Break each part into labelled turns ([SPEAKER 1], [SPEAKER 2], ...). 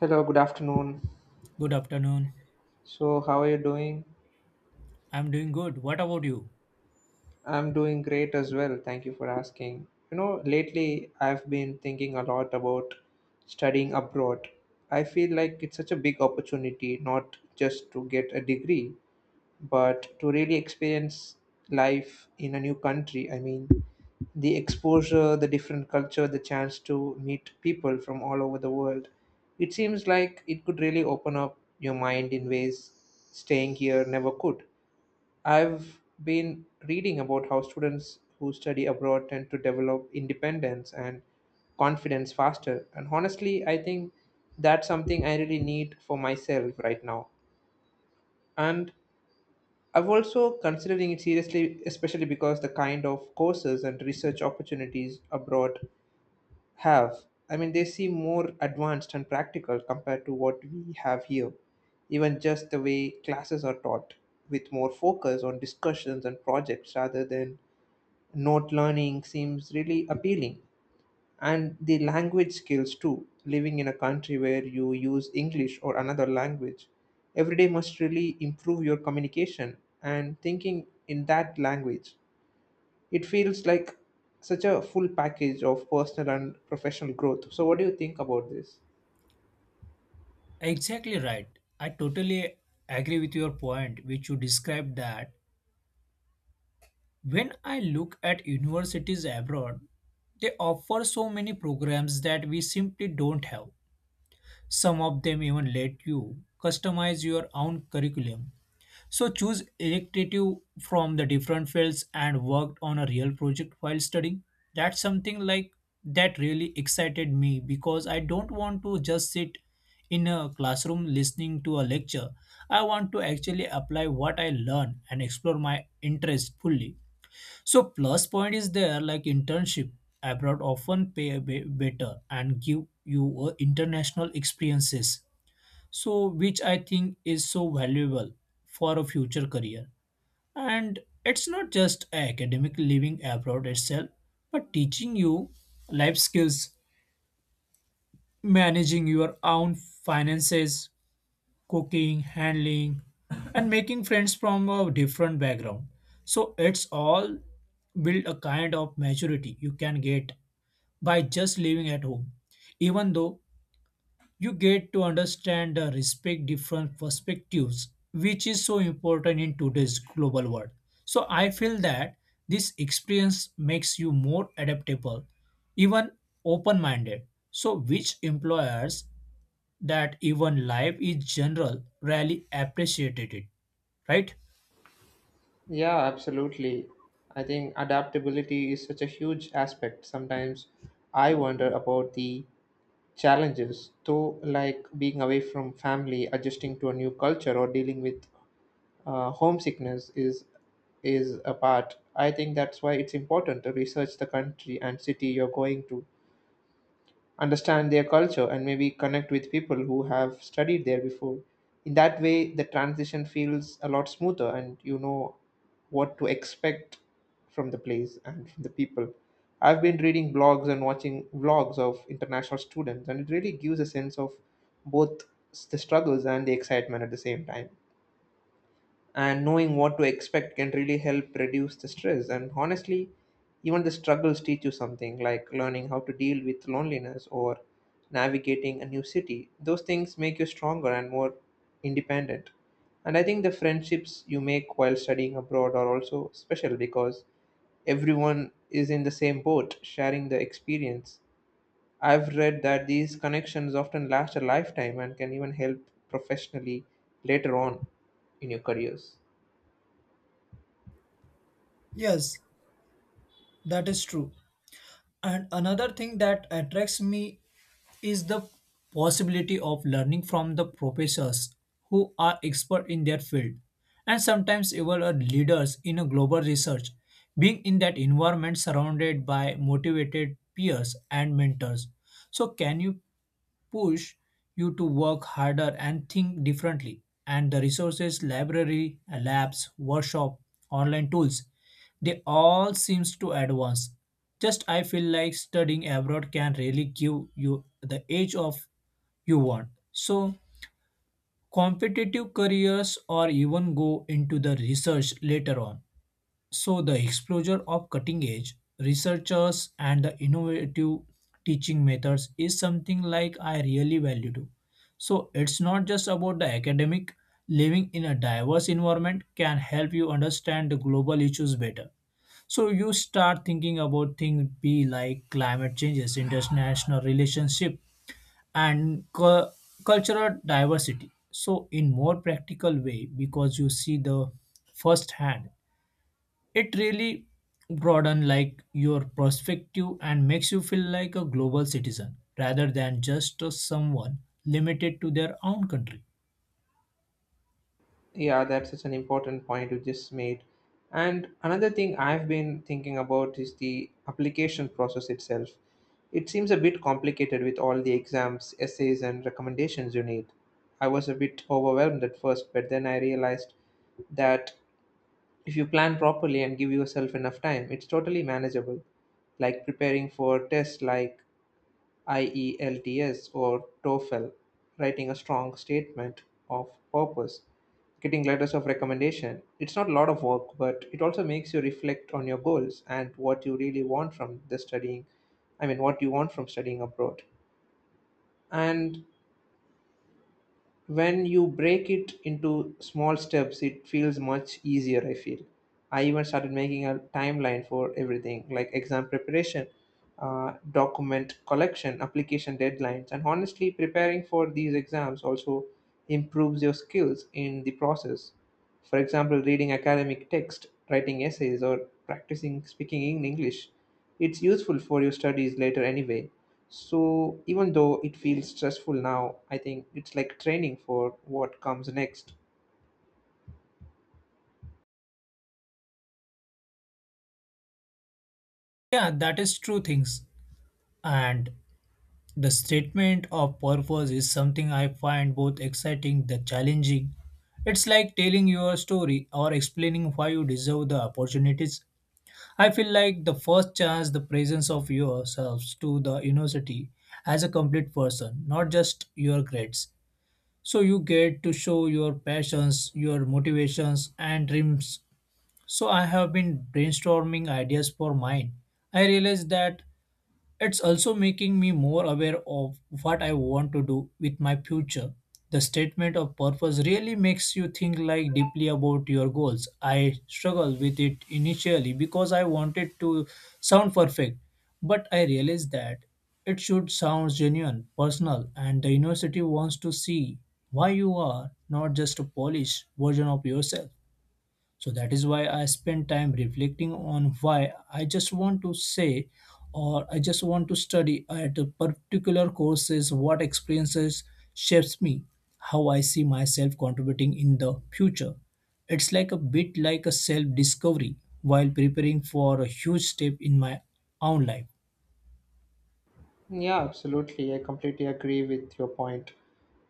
[SPEAKER 1] Hello, good afternoon.
[SPEAKER 2] Good afternoon.
[SPEAKER 1] So, how are you doing?
[SPEAKER 2] I'm doing good. What about you?
[SPEAKER 1] I'm doing great as well. Thank you for asking. You know, lately I've been thinking a lot about studying abroad. I feel like it's such a big opportunity, not just to get a degree, but to really experience life in a new country. I mean, the exposure, the different culture, the chance to meet people from all over the world. It seems like it could really open up your mind in ways staying here never could. I've been reading about how students who study abroad tend to develop independence and confidence faster. And honestly, I think that's something I really need for myself right now. And I'm also considering it seriously, especially because the kind of courses and research opportunities abroad have. I mean, they seem more advanced and practical compared to what we have here, even just the way classes are taught, with more focus on discussions and projects rather than note learning seems really appealing. And the language skills too, living in a country where you use English or another language every day must really improve your communication and thinking in that language. It feels like such a full package of personal and professional growth. So, what do you think about this?
[SPEAKER 2] Exactly right. I totally agree with your point, which you described that when I look at universities abroad, they offer so many programs that we simply don't have. Some of them even let you customize your own curriculum, so choose elective from the different fields and worked on a real project while studying. That's something like that really excited me because I don't want to just sit in a classroom listening to a lecture. I want to actually apply what I learn and explore my interest fully. So plus point is there, like internship abroad often pay a bit better and give you international experiences, so which I think is so valuable for a future career, and it's not just academic, living abroad itself but teaching you life skills, managing your own finances, cooking, handling, and making friends from a different background, so it's all build a kind of maturity you can get by just living at home, even though you get to understand and respect different perspectives, which is so important in today's global world. So I feel that this experience makes you more adaptable, even open minded, so which employers, that even life is general rarely appreciated it, right?
[SPEAKER 1] Yeah, absolutely. I think adaptability is such a huge aspect. Sometimes I wonder about the challenges, though, like being away from family, adjusting to a new culture, or dealing with homesickness is a part. I think that's why it's important to research the country and city you're going to, understand their culture, and maybe connect with people who have studied there before. In that way, the transition feels a lot smoother and you know what to expect from the place and from the people. I've been reading blogs and watching vlogs of international students, and it really gives a sense of both the struggles and the excitement at the same time. And knowing what to expect can really help reduce the stress, and honestly, even the struggles teach you something, like learning how to deal with loneliness or navigating a new city. Those things make you stronger and more independent. And I think the friendships you make while studying abroad are also special because everyone is in the same boat sharing the experience. I've read that these connections often last a lifetime and can even help professionally later on in your careers.
[SPEAKER 2] Yes, that is true. And another thing that attracts me is the possibility of learning from the professors who are expert in their field and sometimes even are leaders in a global research, being in that environment surrounded by motivated peers and mentors, so can you push you to work harder and think differently. And the resources, library, labs, workshop, online tools, they all seems to advance. Just I feel like studying abroad can really give you the edge of you want. So competitive careers or even go into the research later on. So, the exposure of cutting edge researchers and the innovative teaching methods is something like I really value too. So, it's not just about the academic, living in a diverse environment can help you understand the global issues better. So, you start thinking about things be like climate changes, international relationship, and cultural diversity so in more practical way because you see the first hand, it really broaden like your perspective and makes you feel like a global citizen rather than just a someone limited to their own country.
[SPEAKER 1] Yeah, that's such an important point you just made. And another thing I've been thinking about is the application process itself. It seems a bit complicated with all the exams, essays, and recommendations you need. I was a bit overwhelmed at first, but then I realized that if you plan properly and give yourself enough time, it's totally manageable. Like preparing for tests like IELTS or TOEFL, writing a strong statement of purpose, getting letters of recommendation. It's not a lot of work, but it also makes you reflect on your goals and what you really want from the studying. I mean, what you want from studying abroad. And when you break it into small steps, it feels much easier, I feel. I even started making a timeline for everything, like exam preparation, document collection, application deadlines. And honestly, preparing for these exams also improves your skills in the process, for example, reading academic text, writing essays, or practicing speaking in English. It's useful for your studies later anyway. So even though it feels stressful now, I think it's like training for what comes next.
[SPEAKER 2] Yeah, that is true things. And the statement of purpose is something I find both exciting the challenging. It's like telling your story or explaining why you deserve the opportunities. I feel like the first chance the presence of yourselves to the university as a complete person, not just your grades, so you get to show your passions, your motivations, and dreams. So I have been brainstorming ideas for mine. I realized that it's also making me more aware of what I want to do with my future. The statement of purpose really makes you think like deeply about your goals. I struggled with it initially because I wanted to sound perfect, but I realized that it should sound genuine, personal, and the university wants to see why you are not just a polished version of yourself. So that is why I spend time reflecting on why I just want to say or I just want to study at a particular courses, what experiences shapes me, how I see myself contributing in the future. It's like a bit like a self discovery while preparing for a huge step in my own life.
[SPEAKER 1] Yeah, absolutely. I completely agree with your point.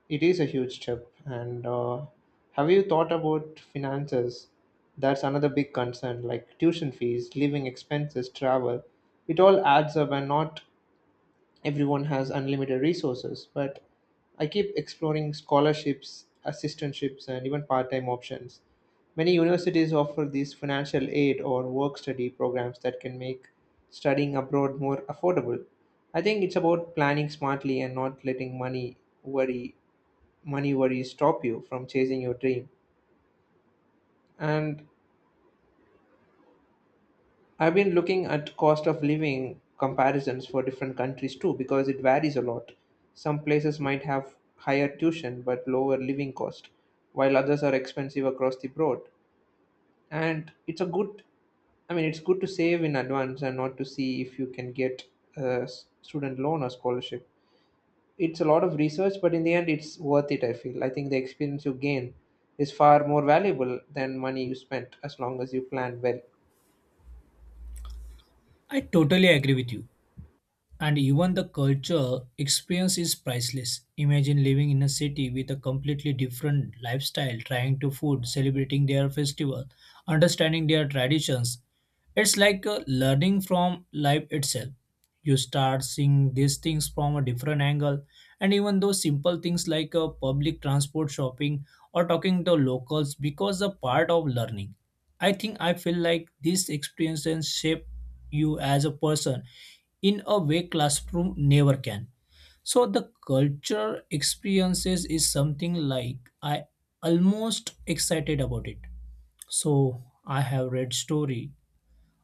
[SPEAKER 1] It is a huge step. And have you thought about finances? That's another big concern, like tuition fees, living expenses, travel. It all adds up, and not everyone has unlimited resources. But I keep exploring scholarships, assistantships, and even part-time options. Many universities offer these financial aid or work study programs that can make studying abroad more affordable. I think it's about planning smartly and not letting worry money worries stop you from chasing your dream. And I've been looking at cost of living comparisons for different countries too because it varies a lot. Some places might have higher tuition but lower living cost, while others are expensive across the board. And it's a good, I mean, it's good to save in advance and not to see if you can get a student loan or scholarship. It's a lot of research, but in the end, it's worth it, I feel. I think the experience you gain is far more valuable than money you spent, as long as you plan well.
[SPEAKER 2] I totally agree with you. And even the culture experience is priceless. Imagine living in a city with a completely different lifestyle, trying to food, celebrating their festival, understanding their traditions. It's like learning from life itself. You start seeing these things from a different angle, and even those simple things like a public transport, shopping, or talking to locals because a part of learning. I think I feel like these experiences shape you as a person in a way classroom never can. So the culture experiences is something like I almost excited about it. So I have read story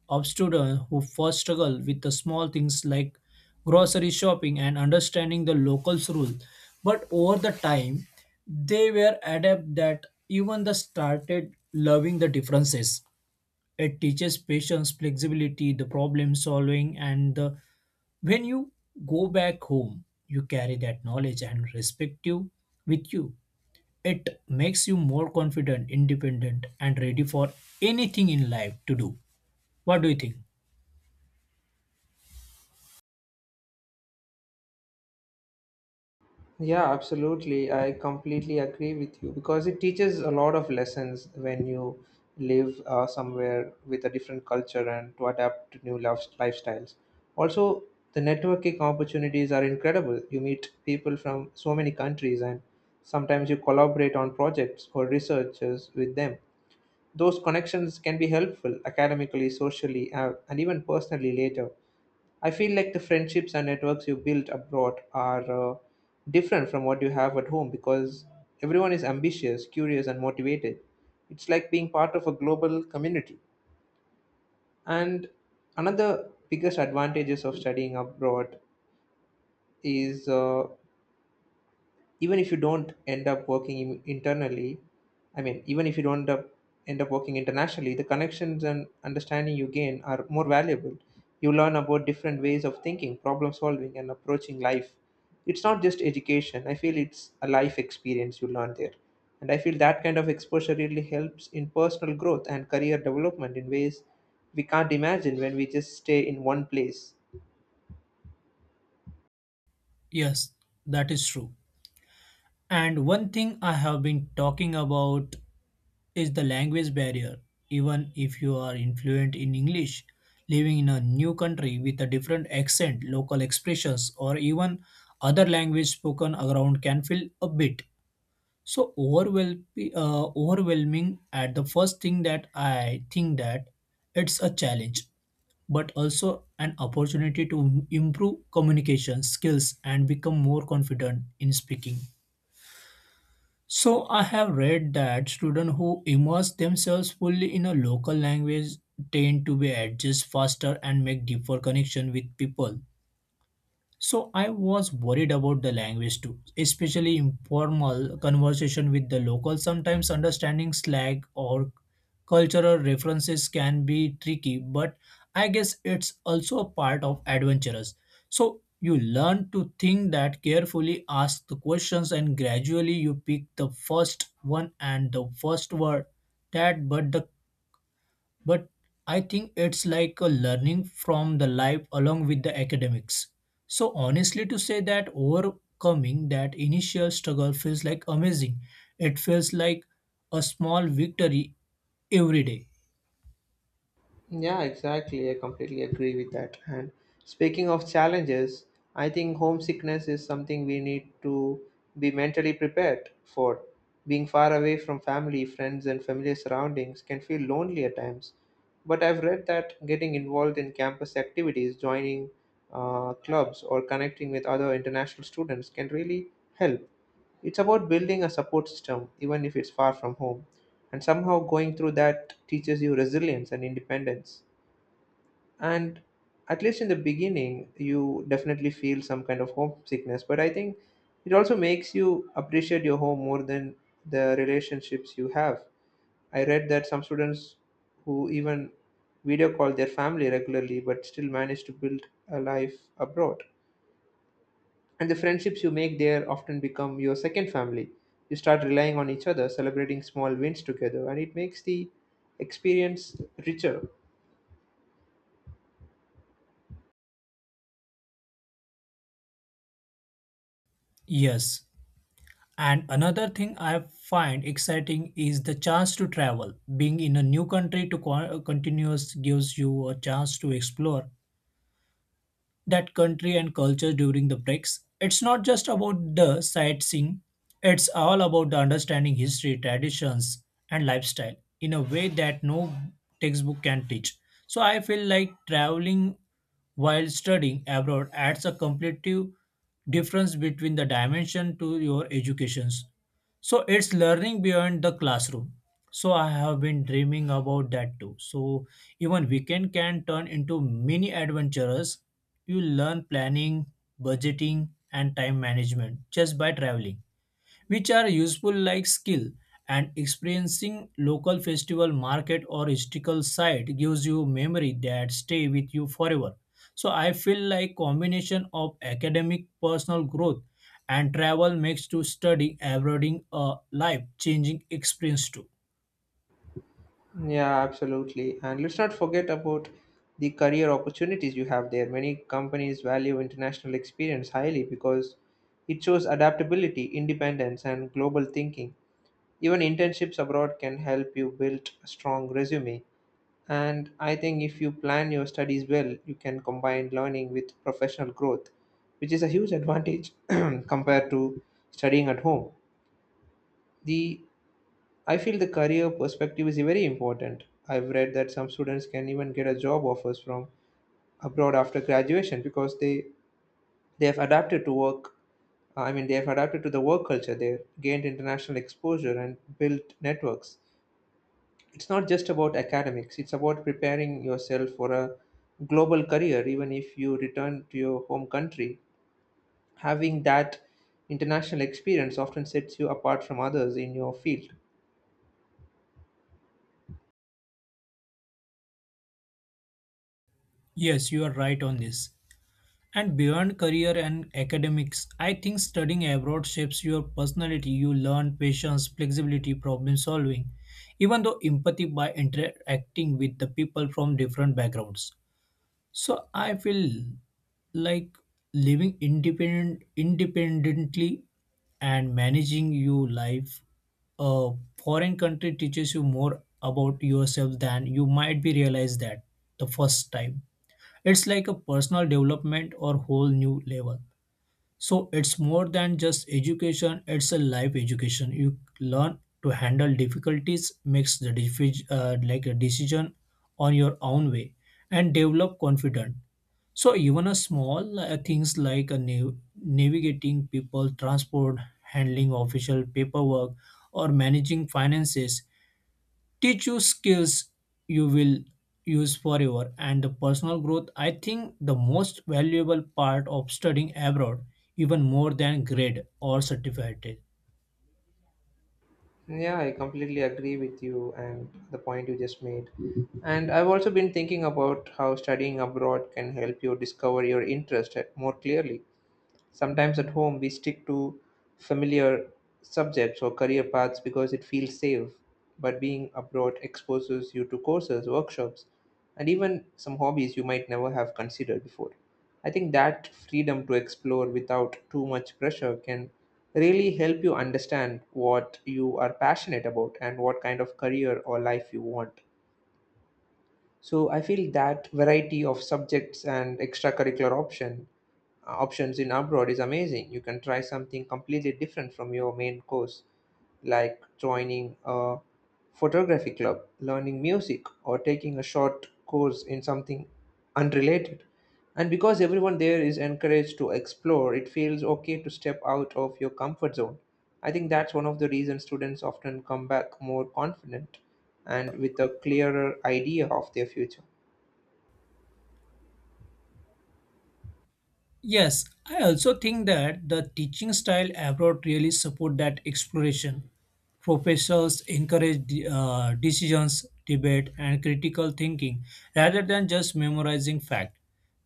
[SPEAKER 2] of students who first struggle with the small things like grocery shopping and understanding the locals rule, but over the time they were adept that, even they started loving the differences. It teaches patience, flexibility, the problem solving, and the when you go back home, you carry that knowledge and respect you with you. It makes you more confident, independent, and ready for anything in life to do. What do you think?
[SPEAKER 1] Yeah, absolutely. I completely agree with you because it teaches a lot of lessons when you live somewhere with a different culture and to adapt to new lifestyles. Also, the networking opportunities are incredible. You meet people from so many countries, and sometimes you collaborate on projects or researches with them. Those connections can be helpful academically, socially, and even personally later. I feel like the friendships and networks you build abroad are different from what you have at home because everyone is ambitious, curious, and motivated. It's like being part of a global community. And another biggest advantages of studying abroad is even if you don't end up working internally. I mean, even if you don't end up working internationally, the connections and understanding you gain are more valuable. You learn about different ways of thinking, problem solving, and approaching life. It's not just education, I feel, it's a life experience you learn there. And I feel that kind of exposure really helps in personal growth and career development in ways we can't imagine when we just stay in one place.
[SPEAKER 2] Yes, that is true. And one thing I have been talking about is the language barrier. Even if you are influent in English, living in a new country with a different accent, local expressions, or even other language spoken around can feel a bit so overwhelm, overwhelming at the first thing that I think that it's a challenge, but also an opportunity to improve communication skills and become more confident in speaking. So I have read that students who immerse themselves fully in a local language tend to be adjust faster and make deeper connection with people. So I was worried about the language too, especially informal conversation with the locals. Sometimes understanding slang or cultural references can be tricky, but I guess it's also a part of adventurous. So you learn to think that carefully, ask the questions, and gradually you pick the first one and the first word that, but the, but I think it's like a learning from the life along with the academics. So honestly to say that overcoming that initial struggle feels like amazing. It feels like a small victory every day.
[SPEAKER 1] Yeah, exactly. I completely agree with that. And speaking of challenges, I think homesickness is something we need to be mentally prepared for. Being far away from family, friends, and familiar surroundings can feel lonely at times. But I've read that getting involved in campus activities, joining clubs, or connecting with other international students can really help. It's about building a support system, even if it's far from home. And somehow going through that teaches you resilience and independence. And at least in the beginning, you definitely feel some kind of homesickness, but I think it also makes you appreciate your home more than the relationships you have. I read that some students who even video call their family regularly but still manage to build a life abroad. And the friendships you make there often become your second family. You start relying on each other, celebrating small wins together, and it makes the experience richer.
[SPEAKER 2] Yes. And another thing I find exciting is the chance to travel. Being in a new country to continuous gives you a chance to explore that country and culture during the breaks. It's not just about the sightseeing, it's all about the understanding history, traditions, and lifestyle in a way that no textbook can teach. So I feel like traveling while studying abroad adds a completely difference between the dimension to your educations. So it's learning beyond the classroom. So I have been dreaming about that too. So even weekend can turn into mini adventures. You learn planning, budgeting, and time management just by traveling, which are useful like skill. And experiencing local festival, market, or historical site gives you memory that stay with you forever. So I feel like combination of academic personal growth and travel makes to study abroad a life changing experience too.
[SPEAKER 1] Yeah, absolutely. And let's not forget about the career opportunities you have there. Many companies value international experience highly because it shows adaptability, independence, and global thinking. Even internships abroad can help you build a strong resume. And I think if you plan your studies well, you can combine learning with professional growth, which is a huge advantage compared to studying at home. The I feel the career perspective is very important. I've read that some students can even get a job offers from abroad after graduation because they have adapted to work. I mean, they have adapted to the work culture. They gained international exposure and built networks. It's not just about academics. It's about preparing yourself for a global career. Even if you return to your home country, having that international experience often sets you apart from others in your field.
[SPEAKER 2] Yes, you are right on this. And beyond career and academics, I think studying abroad shapes your personality. You learn patience, flexibility, problem solving, even though empathy by interacting with the people from different backgrounds. So I feel like living independently and managing your life a foreign country teaches you more about yourself than you might be realized that the first time. It's like a personal development or whole new level. So it's more than just education, it's a life education. You learn to handle difficulties, makes the like a decision on your own way and develop confidence. So even a small things like a navigating people, transport, handling official paperwork or managing finances teach you skills you will use forever, and the personal growth I think the most valuable part of studying abroad, even more than grade or certificate.
[SPEAKER 1] Yeah, I completely agree with you and the point you just made. And I've also been thinking about how studying abroad can help you discover your interest more clearly. Sometimes at home, we stick to familiar subjects or career paths because it feels safe, but being abroad exposes you to courses, workshops, and even some hobbies you might never have considered before. I think that freedom to explore without too much pressure can really help you understand what you are passionate about and what kind of career or life you want. So I feel that variety of subjects and extracurricular option options in abroad is amazing. You can try something completely different from your main course, like joining a photography club, learning music, or taking a short course in something unrelated. And because everyone there is encouraged to explore, it feels okay to step out of your comfort zone. I think that's one of the reasons students often come back more confident and with a clearer idea of their future.
[SPEAKER 2] Yes, I also think that the teaching style abroad really support that exploration. Professors encourage decisions, debate, and critical thinking rather than just memorizing fact.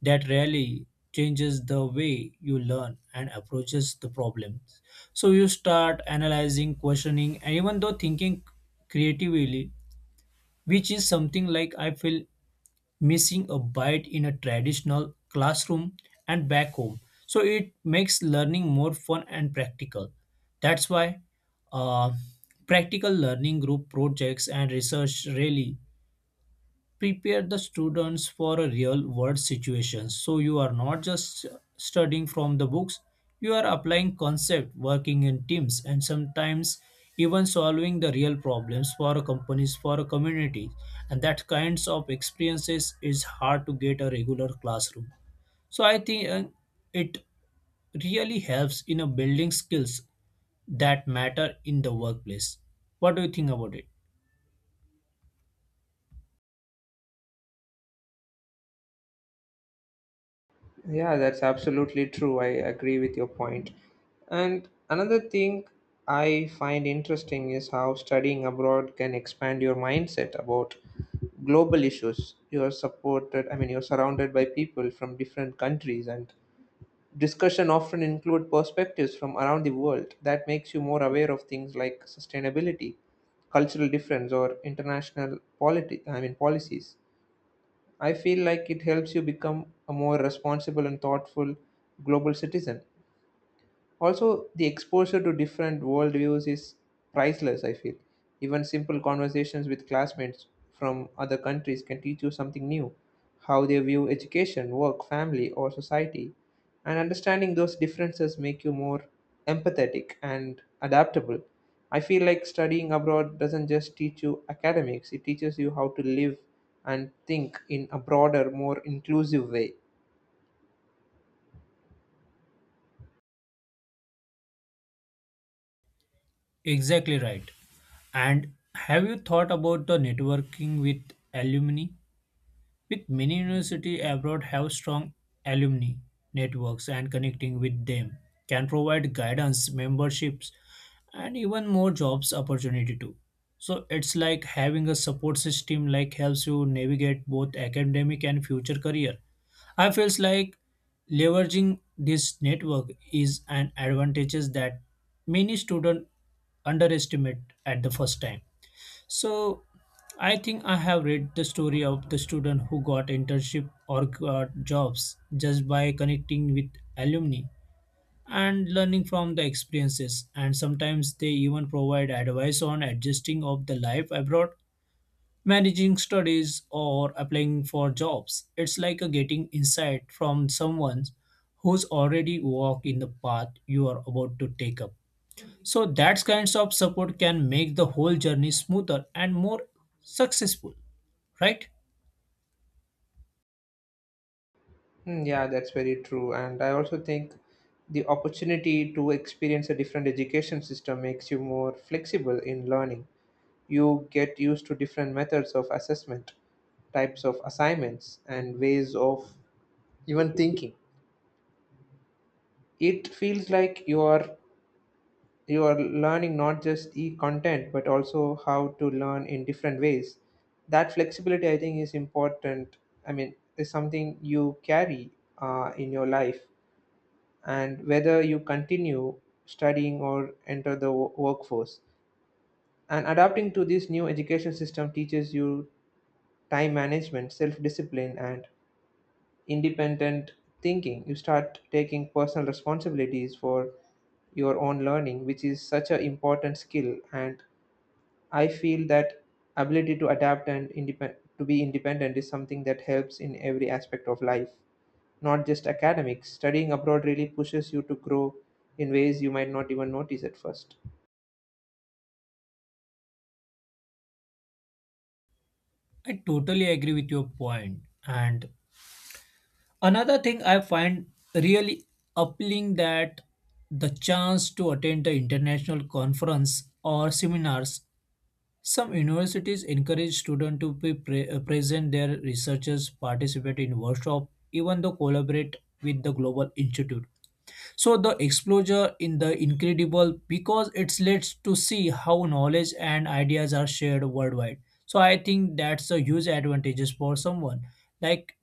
[SPEAKER 2] That really changes the way you learn and approaches the problems. So you start analyzing, questioning, and even though thinking creatively, which is something like I feel missing a bite in a traditional classroom and back home. So it makes learning more fun and practical. That's why uh, practical learning, group projects, and research really prepare the students for a real world situation, so you are not just studying from the books, you are applying concept, working in teams, and sometimes even solving the real problems for a companies, for a community. And that kinds of experiences is hard to get a regular classroom. So I think it really helps in a building skills that matter in the workplace. What do you think about it?
[SPEAKER 1] Yeah, that's absolutely true. I agree with your point. And another thing I find interesting is how studying abroad can expand your mindset about global issues. I mean, you're surrounded by people from different countries, and discussion often include perspectives from around the world. That makes you more aware of things like sustainability, cultural difference, or international politi- I mean, policies. I feel like it helps you become a more responsible and thoughtful global citizen. Also, the exposure to different worldviews is priceless, I feel. Even simple conversations with classmates from other countries can teach you something new how they view education, work, family, or society. And understanding those differences make you more empathetic and adaptable. I feel like studying abroad doesn't just teach you academics, it teaches you how to live and think in a broader, more inclusive way.
[SPEAKER 2] Exactly right. And have you thought about the networking with alumni? With many university abroad have strong alumni networks, and connecting with them can provide guidance, memberships, and even more jobs opportunity too. So it's like having a support system like helps you navigate both academic and future career. I feels like leveraging this network is an advantage that many students underestimate at the first time. So I think I have read the story of the student who got internship or got jobs just by connecting with alumni and learning from the experiences, and sometimes they even provide advice on adjusting of the life abroad, managing studies or applying for jobs. It's like a getting insight from someone who's already walked in the path you are about to take up. So that kinds of support can make the whole journey smoother and more successful, right?
[SPEAKER 1] Hmm. Yeah, that's very true. And I also think the opportunity to experience a different education system makes you more flexible in learning. You get used to different methods of assessment, types of assignments, and ways of even thinking. It feels like you are learning not just the content but also how to learn in different ways. That flexibility, I think, is important. I mean, is something you carry in your life and whether you continue studying or enter the workforce. And adapting to this new education system teaches you time management, self discipline, and independent thinking. You start taking personal responsibilities for your own learning, which is such an important skill. And I feel that ability to adapt and to be independent is something that helps in every aspect of life, not just academics. Studying abroad really pushes you to grow in ways you might not even notice at first.
[SPEAKER 2] I totally agree with your point. And another thing I find really appealing that the chance to attend the international conference or seminars. Some universities encourage students to be present their researchers, participate in workshop, even though collaborate with the global institute. So the exposure in the incredible because it's lets to see how knowledge and ideas are shared worldwide. So I think that's a huge advantages for someone like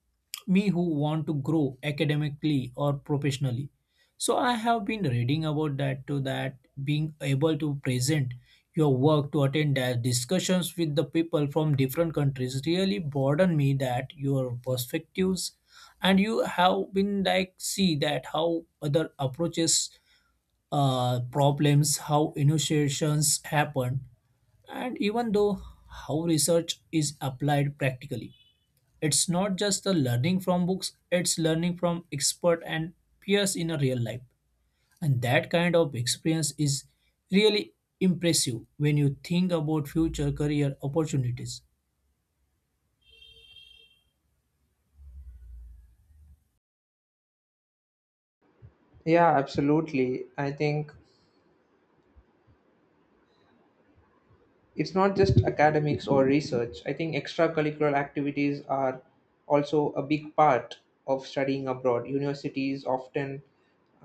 [SPEAKER 2] me who want to grow academically or professionally. So I have been reading about that too, that being able to present your work to attend the discussions with the people from different countries really broaden me that your perspectives, and you have been like see that how other approaches problems, how innovations happen, and even though how research is applied practically. It's not just the learning from books, it's learning from expert and peers in a real life, and that kind of experience is really impressive when you think about future career opportunities.
[SPEAKER 1] Yeah, absolutely. I think it's not just academics or research. I think extracurricular activities are also a big part of studying abroad.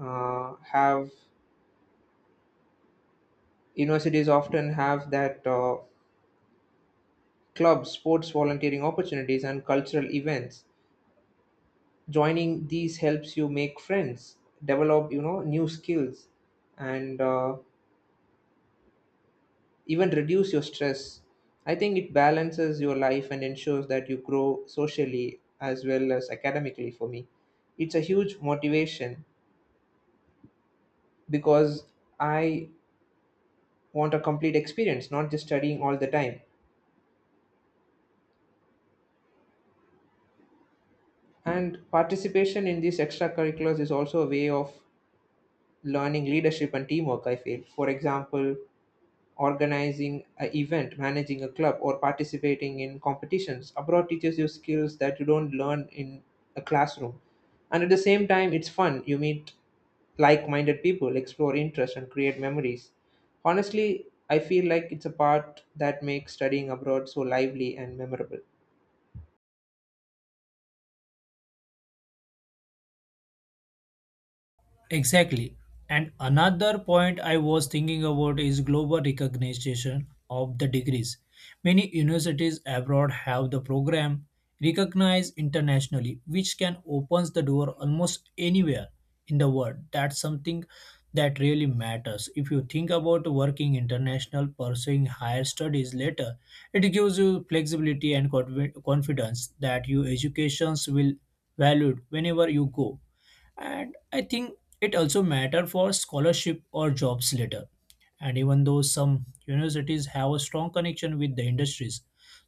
[SPEAKER 1] uh, have Universities often have that clubs, sports volunteering opportunities, and cultural events joining these helps you make friends, develop, you know, new skills, and even reduce your stress. I think it balances your life and ensures that you grow socially as well as academically. For me, it's a huge motivation, because I want a complete experience, not just studying all the time. And participation in these extracurriculars is also a way of learning leadership and teamwork, I feel. For example, organizing an event, managing a club, or participating in competitions. Abroad teaches you skills that you don't learn in a classroom. And at the same time, it's fun. You meet like minded people, explore interests, and create memories. Honestly, I feel like it's a part that makes studying abroad so lively and memorable.
[SPEAKER 2] Exactly. And another point I was thinking about is global recognition of the degrees. Many universities abroad have the program recognized internationally, which can opens the door almost anywhere in the world. That's something that really matters. If you think about working international, pursuing higher studies later, it gives you flexibility and confidence that your educations will valued whenever you go. And I think it also matter for scholarship or jobs later, and even though some universities have a strong connection with the industries,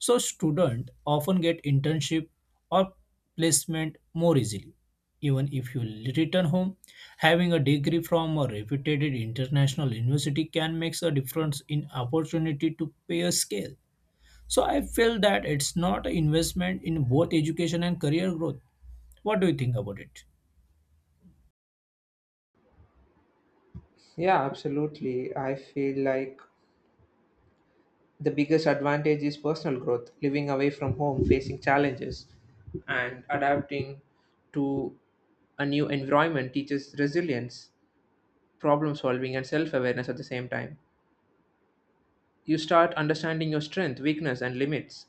[SPEAKER 2] so students often get internship or placement more easily. Even if you return home, having a degree from a reputed international university can make a difference in opportunity to pay a scale. So I feel that it's not an investment in both education and career growth. What do you think about it?
[SPEAKER 1] Yeah, absolutely. I feel like the biggest advantage is personal growth, living away from home, facing challenges, and adapting to a new environment teaches resilience, problem solving, and self awareness at the same time. You start understanding your strength, weakness, and limits.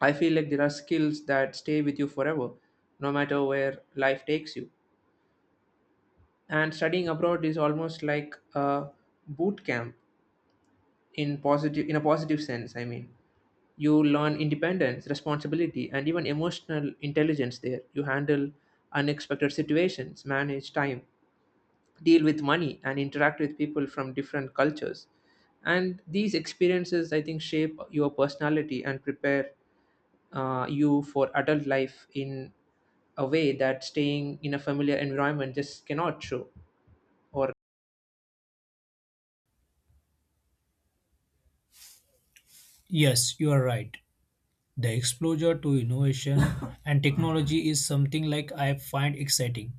[SPEAKER 1] I feel like there are skills that stay with you forever, no matter where life takes you. And studying abroad is almost like a boot camp in a positive sense. I mean, you learn independence, responsibility, and even emotional intelligence there. You handle unexpected situations, manage time, deal with money, and interact with people from different cultures. And these experiences, I think, shape your personality and prepare you for adult life in a way that staying in a familiar environment just cannot show. Or
[SPEAKER 2] Yes, you are right. The exposure to innovation and technology is something like I find exciting.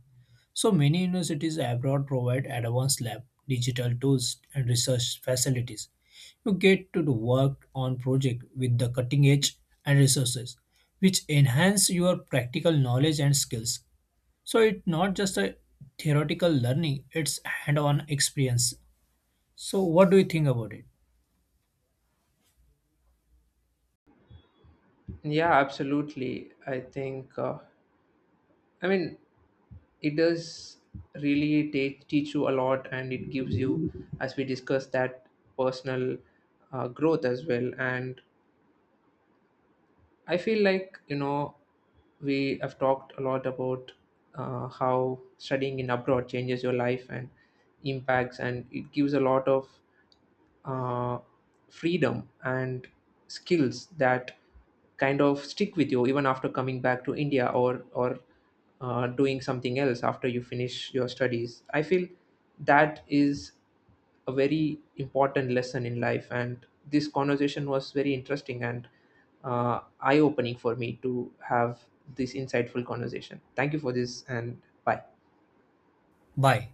[SPEAKER 2] So many universities abroad provide advanced lab, digital tools, and research facilities. You get to do work on project with the cutting edge and resources which enhance your practical knowledge and skills. So it's not just a theoretical learning, it's hand-on experience. So what do you think about it?
[SPEAKER 1] yeah, absolutely. I think. I mean, it does teach you a lot, and it gives you, as we discussed, that personal growth as well. And I feel like, you know, we have talked a lot about how studying in abroad changes your life and impacts, and it gives a lot of uh, freedom and skills that kind of stick with you even after coming back to India, or doing something else after you finish your studies. I feel that is a very important lesson in life, and this conversation was very interesting and eye opening for me to have this insightful conversation. Thank you for this, and bye.
[SPEAKER 2] Bye.